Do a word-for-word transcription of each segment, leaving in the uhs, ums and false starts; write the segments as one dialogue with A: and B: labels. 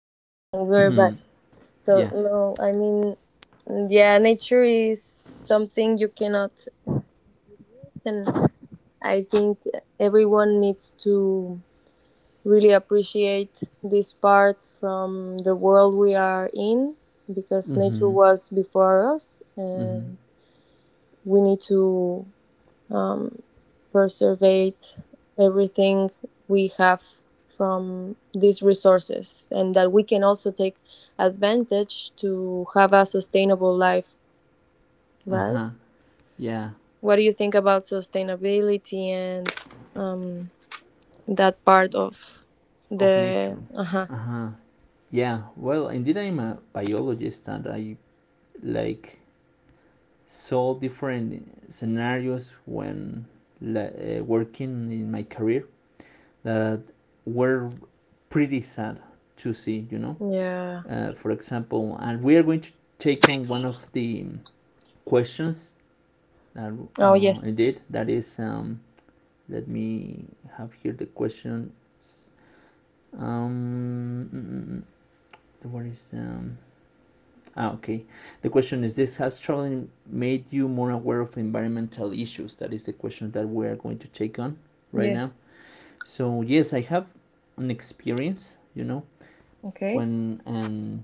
A: we're back.
B: Mm-hmm.
A: So
B: Yeah.
A: no, I mean, Yeah, nature is something you cannot, and I think everyone needs to really appreciate this part from the world we are in because nature
B: Mm-hmm.
A: was before us,
B: Mm-hmm.
A: and we need to um, preservate everything we have from these resources and that we can also take advantage to have a sustainable life, right?
B: Uh-huh. Yeah.
A: What do you think about sustainability and um, that part of
B: Of
A: the
B: nature.
A: uh-huh
B: Uh-huh. Yeah. Well, indeed, I'm a biologist, and I like saw different scenarios when la- uh, working in my career that were pretty sad to see. You know,
A: yeah.
B: uh, for example, and we are going to take on one of the questions that
A: Oh
B: uh,
A: yes.
B: indeed that is. Um, let me have here the question. Um, mm, mm, mm. What is um? Ah, okay. The question is this: Has traveling made you more aware of environmental issues? That is the question that we are going to take on right now.
A: Yes.
B: So yes, I have an experience. You know,
A: Okay.
B: when um,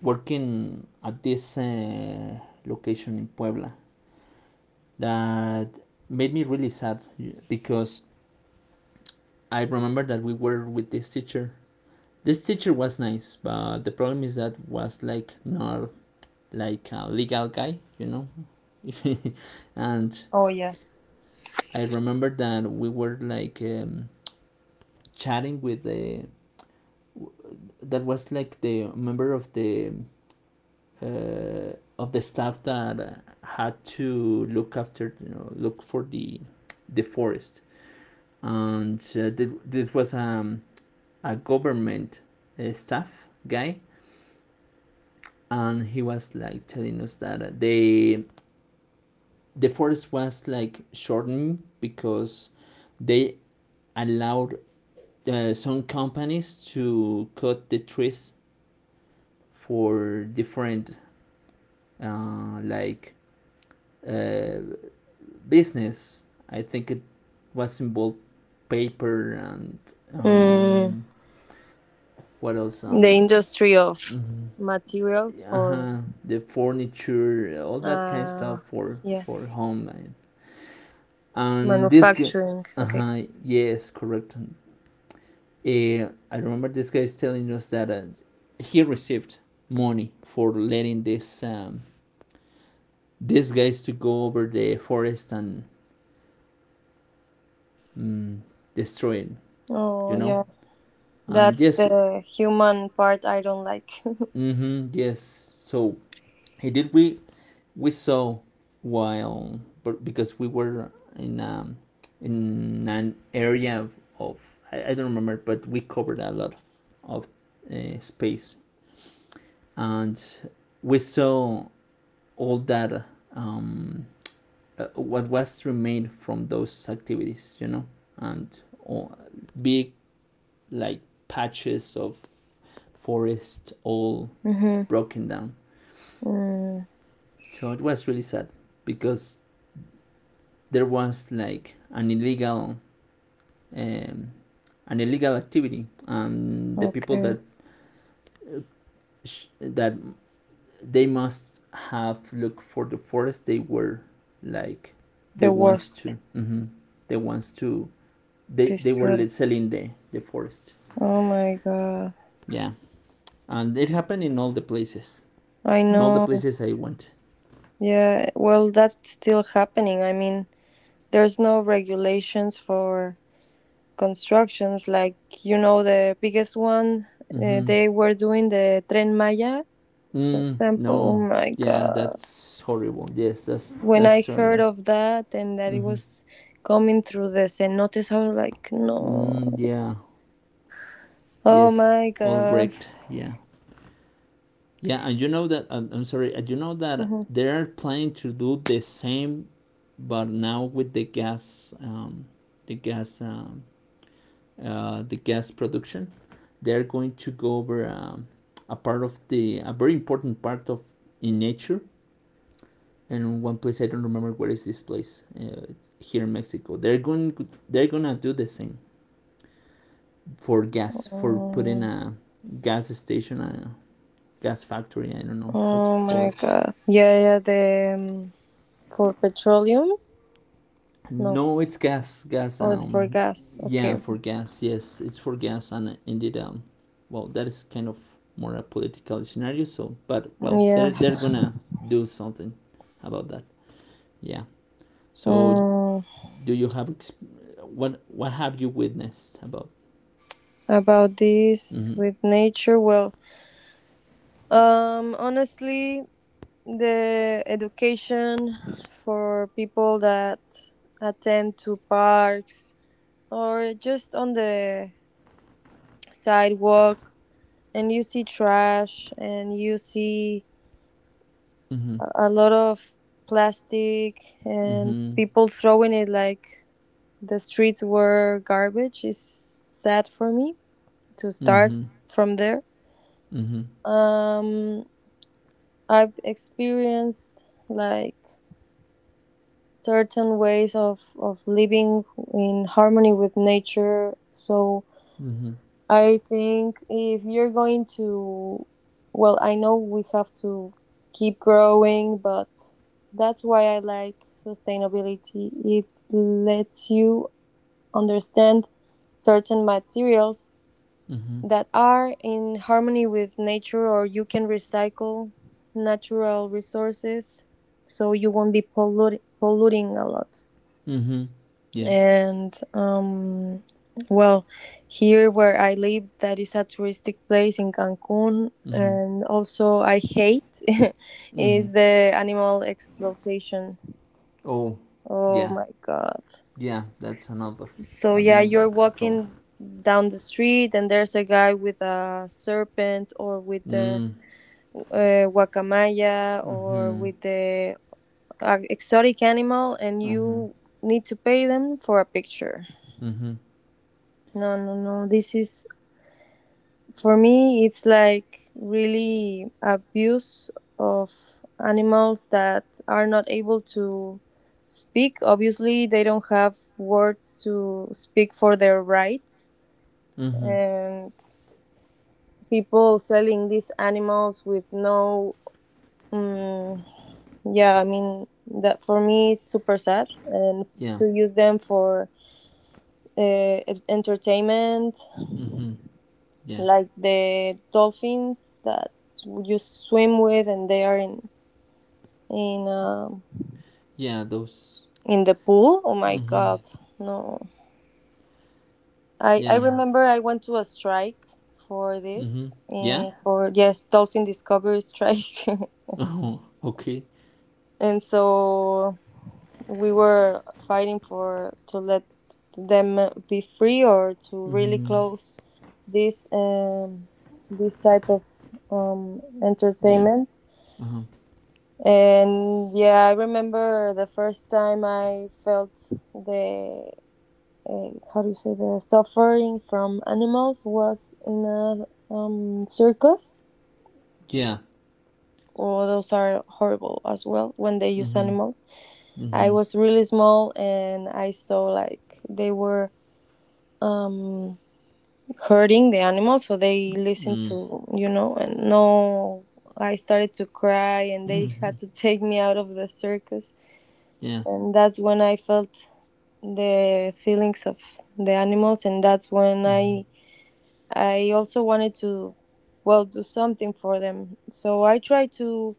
B: working at this uh, location in Puebla, that made me really sad because I remember that we were with this teacher. This teacher was nice, but the problem is that was like not like a legal guy, you know. And
A: Oh yeah.
B: I remember that we were like um, chatting with the, that was like the member of the uh, of the staff that uh, had to look after, you know, look for the the forest, and uh, th- this was um, a government uh, staff guy, and he was like telling us that uh, they the forest was like shortening because they allowed uh, some companies to cut the trees for different uh, like uh, business. I think it was involved paper and
A: mm,
B: um, what else?
A: the
B: Um,
A: industry of
B: mm-hmm.
A: materials for,
B: Uh-huh, the furniture, all that kind of
A: uh
B: stuff for
A: yeah,
B: for home. And this,
A: manufacturing.
B: uh
A: Okay.
B: huh, yes, correct. Uh, I remember this guy is telling us that uh, he received money for letting this um, these guys to go over the forest and mm, destroy it.
A: Oh
B: You know,
A: yeah,
B: and
A: that's
B: yes,
A: the human part I don't like.
B: mm-hmm, yes. So he did. We we saw while but because we were in um, in an area of, of I, I don't remember, but we covered a lot of uh, space, and we saw all that um, uh, what was remained from those activities, you know, and uh, big like patches of forest all
A: Mm-hmm.
B: broken down.
A: Mm,
B: So it was really sad because there was like an illegal um, an illegal activity, and the people that
A: okay,
B: sh- that they must have looked for the forest, they were like they
A: the
B: wants
A: worst.
B: to mm-hmm, they wants to they they were
A: Destroy.
B: like, selling the the forest.
A: Oh my god.
B: Yeah, and it happened in all the places
A: I
B: in all the
A: know.
B: places I went.
A: Yeah. Well, that's still happening. I mean, there's no regulations for constructions. Like you know, the biggest one, uh,
B: Mm-hmm.
A: they were doing the Tren Maya, for
B: Mm,
A: example. Oh
B: no,
A: my
B: yeah,
A: god.
B: that's horrible, yes, that's
A: When I
B: that's
A: heard
B: terrible.
A: of that and that it
B: Mm-hmm.
A: was coming through the cenotes, I was like,
B: Mm,
A: no.
B: yeah,
A: Oh
B: yes,
A: my
B: all
A: god.
B: wrecked, yeah. Yeah, and you know that I'm, I'm sorry, and you know that
A: Mhm.
B: they're planning to do the same, but now with the gas um, the gas um, uh, the gas production. They're going to go over um, a part of the a very important part of in nature, and one place I don't remember where is this place, uh, it's here in Mexico. They're going they're gonna do the same for gas, for putting
A: Oh,
B: a gas station, a gas factory. I don't know how to
A: oh
B: call
A: my
B: it.
A: god. Yeah, yeah, the um, for petroleum? No.
B: No, it's gas, gas.
A: Oh, for
B: Um,
A: gas.
B: yeah,
A: Okay.
B: for gas. Yes, it's for gas, and indeed um, well that is kind of more a political scenario. So, but well, they're they're
A: Yes.
B: gonna do something about that. Yeah. So,
A: Mm,
B: do you have exp- what what have you witnessed about?
A: about this
B: Mm-hmm.
A: with nature, well, um, honestly, the education for people that attend to parks or just on the sidewalk and you see trash and you see
B: Mhm.
A: a a lot of plastic and
B: Mhm.
A: people throwing it like the streets were garbage is sad for me to start
B: Mhm.
A: from there.
B: Mhm.
A: Um, I've experienced like certain ways of, of living in harmony with nature. So
B: Mhm.
A: I think if you're going to, well, I know we have to keep growing, but that's why I like sustainability. It lets you understand certain materials
B: Mhm.
A: that are in harmony with nature, or you can recycle natural resources so you won't be pollut- polluting a lot.
B: Mhm. Yeah.
A: And um, well, here where I live, that is a touristic place in Cancun,
B: Mhm.
A: and also I hate
B: Mhm.
A: is the animal exploitation.
B: Oh,
A: Oh
B: yeah.
A: my god!
B: Yeah. That's another,
A: So yeah,
B: another
A: you're
B: problem.
A: walking down the street, and there's a guy with a serpent, or with the
B: Mm.
A: uh, guacamaya, or
B: Mhm.
A: with the uh, exotic animal, and
B: Mhm.
A: you need to pay them for a picture.
B: Mhm.
A: No, no, no. This is, for me, it's like really abuse of animals that are not able to speak. Obviously, they don't have words to speak for their rights,
B: Mhm.
A: and people selling these animals with no. Um, yeah, I mean that for me is super sad, and
B: Yeah.
A: to use them for uh, entertainment
B: Mhm. Yeah.
A: like the dolphins that you swim with and they are in in um
B: Yeah. Those.
A: in the pool. Oh my
B: Mhm.
A: god, no! I I
B: Yeah.
A: remember I went to a strike for this
B: Mhm. Yeah.
A: eh, for yes dolphin discovery strike,
B: Oh. Okay.
A: and so we were fighting for to let them be free or to really
B: Mhm.
A: close this um this type of um
B: Yeah.
A: entertainment.
B: Uh-huh.
A: And yeah, I remember the first time I felt the uh, how do you say the suffering from animals was in a um, circus.
B: Yeah.
A: Oh, those are horrible as well when they use
B: Mhm.
A: animals. I
B: Mhm.
A: was really small and I saw like they were um, hurting the animals, so they listened
B: Mm.
A: to you know and no. I started to cry, and they
B: Mhm.
A: had to take me out of the circus
B: Yeah.
A: and that's when I felt the feelings of the animals, and that's when
B: Mhm.
A: I I also wanted to, well, do something for them. So I try to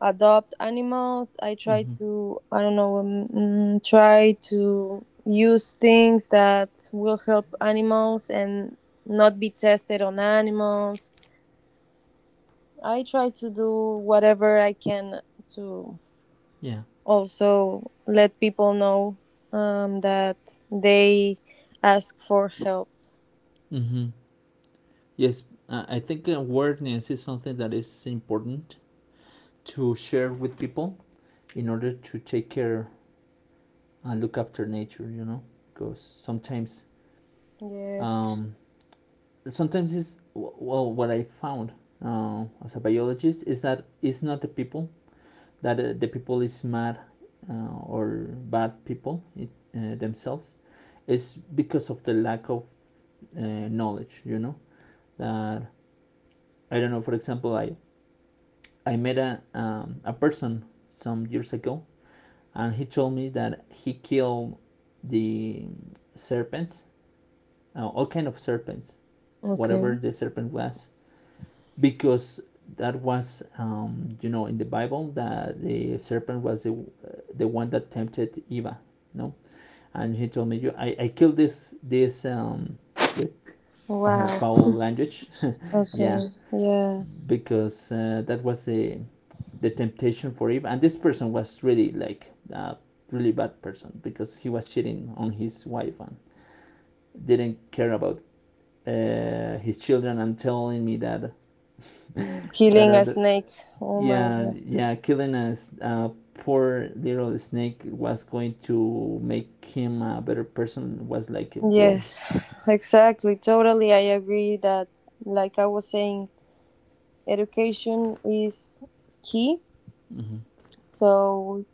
A: adopt animals. I try
B: Mhm.
A: to I don't know um, mm, try to use things that will help animals and not be tested on animals. I try to do whatever I can to
B: Yeah.
A: also let people know, um, that they ask for help.
B: Mm-hmm. Yes, uh, I think awareness is something that is important to share with people in order to take care and look after nature. You know, because sometimes,
A: Yes.
B: um, sometimes it's well, what I found uh, as a biologist is that it's not the people that uh, the people is mad uh, or bad people it, uh, themselves. It's because of the lack of uh, knowledge. You know that I don't know. For example, I I met a um, a person some years ago, and he told me that he killed the serpents, uh, all kind of serpents, whatever
A: Okay.
B: the serpent was, because that was um, you know in the Bible that the serpent was the, uh, the one that tempted Eva, no, and he told me you I, I killed this this um, with uh,
A: Wow.
B: foul language, yeah,
A: Okay. Yeah.
B: because uh, that was the the temptation for Eve. And this person was really like a really bad person because he was cheating on his wife and didn't care about uh, his children and telling me that that,
A: Killing a
B: uh,
A: snake. Oh my
B: yeah,
A: god.
B: yeah, killing a, a poor little snake was going to make him a better person was like bro.
A: Yes. Exactly. Totally. I agree that, like I was saying, education is key.
B: Mm-hmm.
A: So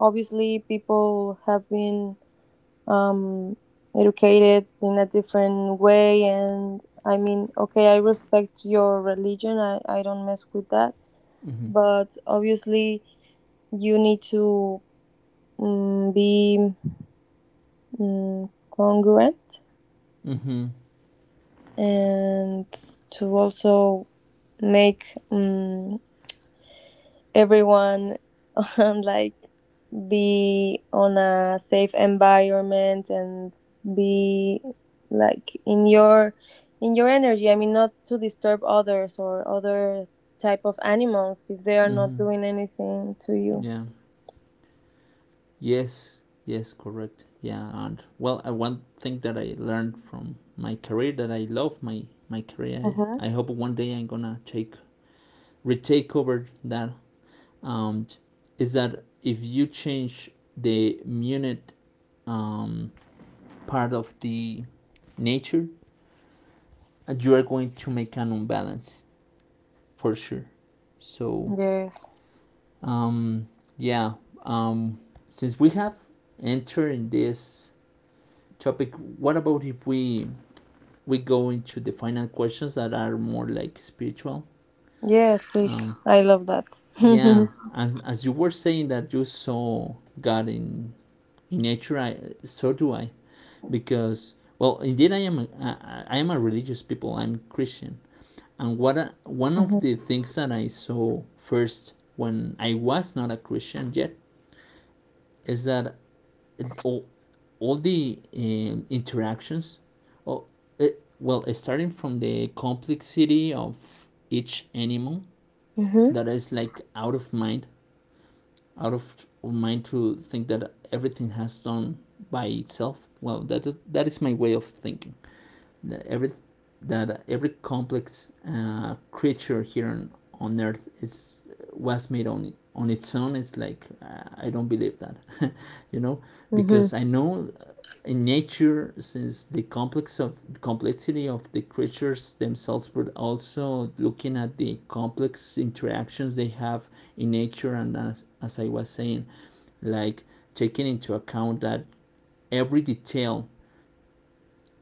A: obviously, people have been um, educated in a different way. And I mean, okay, I respect your religion, I, I don't mess with that.
B: Mm-hmm.
A: But obviously, you need to um, be um, congruent
B: Mm-hmm.
A: and to also make um, everyone on like be on a safe environment and be like in your in your energy. I mean, not to disturb others or other type of animals if they are not
B: Mm-hmm.
A: doing anything to you.
B: Yeah. Yes, yes, correct. Yeah, and well, uh, one thing that I learned from my career that I love my my career.
A: Hmm.
B: I, I hope one day I'm gonna take retake over that. Um, is that if you change the unit um, part of the nature, uh, you are going to make an imbalance for sure. So
A: Yes,
B: um, yeah, um, since we have entered in this topic, what about if we we go into the final questions that are more like spiritual.
A: yes please.
B: Um,
A: I love that.
B: yeah, as as you were saying that you saw God in in nature, I, so do I. Because well, indeed, I am a, I, I am a religious people. I'm Christian, and what I, one of the
A: Hmm.
B: things that I saw first when I was not a Christian yet is that it, all the um, interactions, oh, it, well starting from the complexity of each animal
A: Hmm.
B: that is like out of mind, out of mind to think that everything has done by itself. Well, that is, that is my way of thinking that every that every complex uh, creature here on, on earth is was made on on its own. It's like uh, I don't believe that. You know, because I know in nature since the complex of complexity of the creatures themselves, but also looking at the complex interactions they have in nature, and as, as I was saying, like taking into account that every detail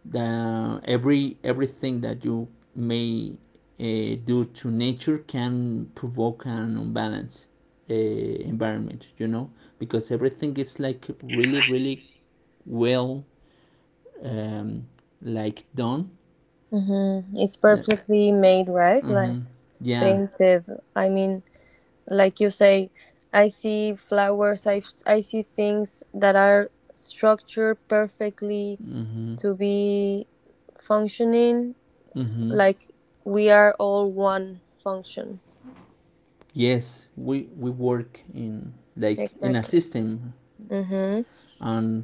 B: the every everything that you may uh, do to nature can provoke an unbalanced uh, environment, you know, because everything is like really really well um, like done
A: Mm-hmm. It's
B: that
A: perfectly
B: uh,
A: made, right? Like
B: mm-hmm, yeah,
A: painted. I mean, like you say, I see flowers, I, I see things that are structured perfectly
B: mm-hmm.
A: to be functioning.
B: Mm-hmm.
A: Like we are all one function.
B: Yes, we we work in like in a
A: Exactly.
B: system,
A: Mm-hmm.
B: and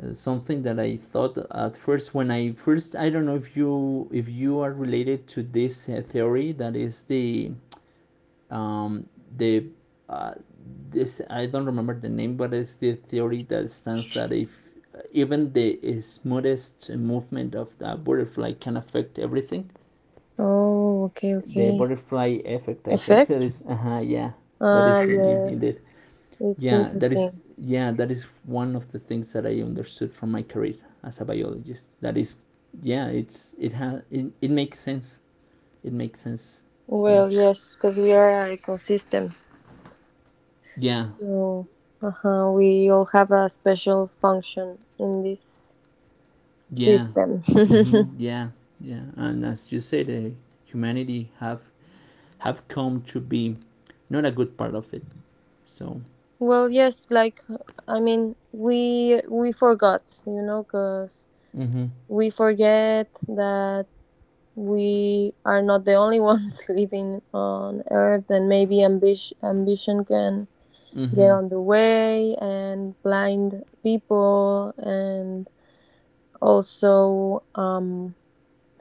B: uh, something that I thought at first when I first, I don't know if you if you are related to this uh, theory that is the um, the uh, this, I don't remember the name, but it's the theory that stands that if uh, even the smoothest movement of the butterfly can affect everything.
A: Oh, okay,
B: The
A: okay.
B: butterfly effect, I think that
A: Effect?
B: is, uh huh, yeah, that
A: Ah,
B: is the name indeed.
A: yes. It's
B: Yeah, that is,
A: interesting.
B: yeah, that is one of the things that I understood from my career as a biologist. That is, yeah, it's it has it, it makes sense. It makes sense. Yeah,
A: Well, yes, because we are an ecosystem.
B: yeah.
A: So, uh-huh, we all have a special function in this
B: Yeah.
A: system.
B: Mm-hmm. Yeah. Yeah. And as you say, the humanity have have come to be not a good part of it. So.
A: Well, yes, like I mean, we we forgot, you know, because
B: Mm-hmm.
A: we forget that we are not the only ones living on Earth, and maybe ambition ambition can get
B: Mm-hmm.
A: on the way and blind people and also um,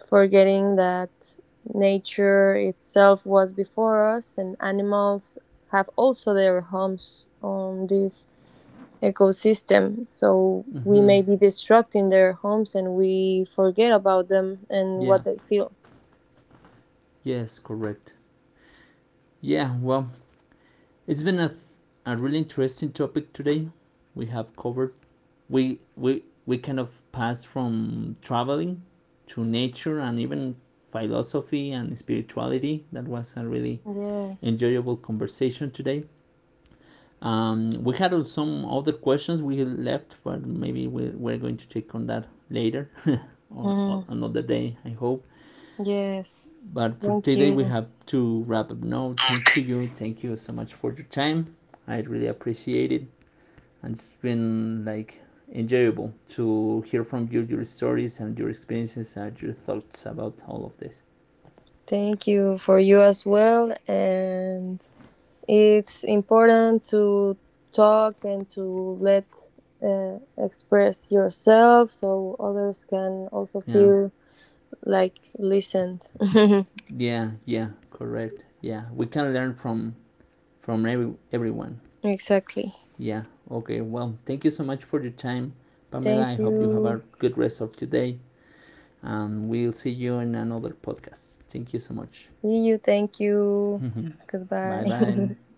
A: forgetting that nature itself was before us and animals have also their homes on this ecosystem, so we
B: Mm-hmm.
A: may be destructing their homes and we forget about them and
B: Yeah.
A: what they feel.
B: Yes. Correct. Yeah. Well, it's been a a really interesting topic today. We have covered. We we we kind of passed from traveling to nature and even philosophy and spirituality. That was a really
A: Yes.
B: enjoyable conversation today. Um, we had some other questions we left, but maybe we're, we're going to check on that later or
A: Mhm.
B: another day, I hope.
A: Yes,
B: But for
A: thank
B: today, we
A: you.
B: have to wrap up now.
A: Oh,
B: Thank
A: thank
B: you. Thank you so much for your time. I really appreciate it. And it's been like enjoyable to hear from you, your stories and your experiences and your thoughts about all of this.
A: Thank you for you as well. And it's important to talk and to let, uh, express yourself so others can also
B: Yeah,
A: feel like listened.
B: yeah, yeah, correct. Yeah, we can learn from from every, everyone.
A: Exactly.
B: Yeah, okay. Well, thank you so much for your time, Pamela. I
A: Thank
B: hope you have
A: you.
B: a good rest of today, and we'll see you in another podcast. Thank you so much.
A: See you. Thank you.
B: Bye bye.
A: Goodbye.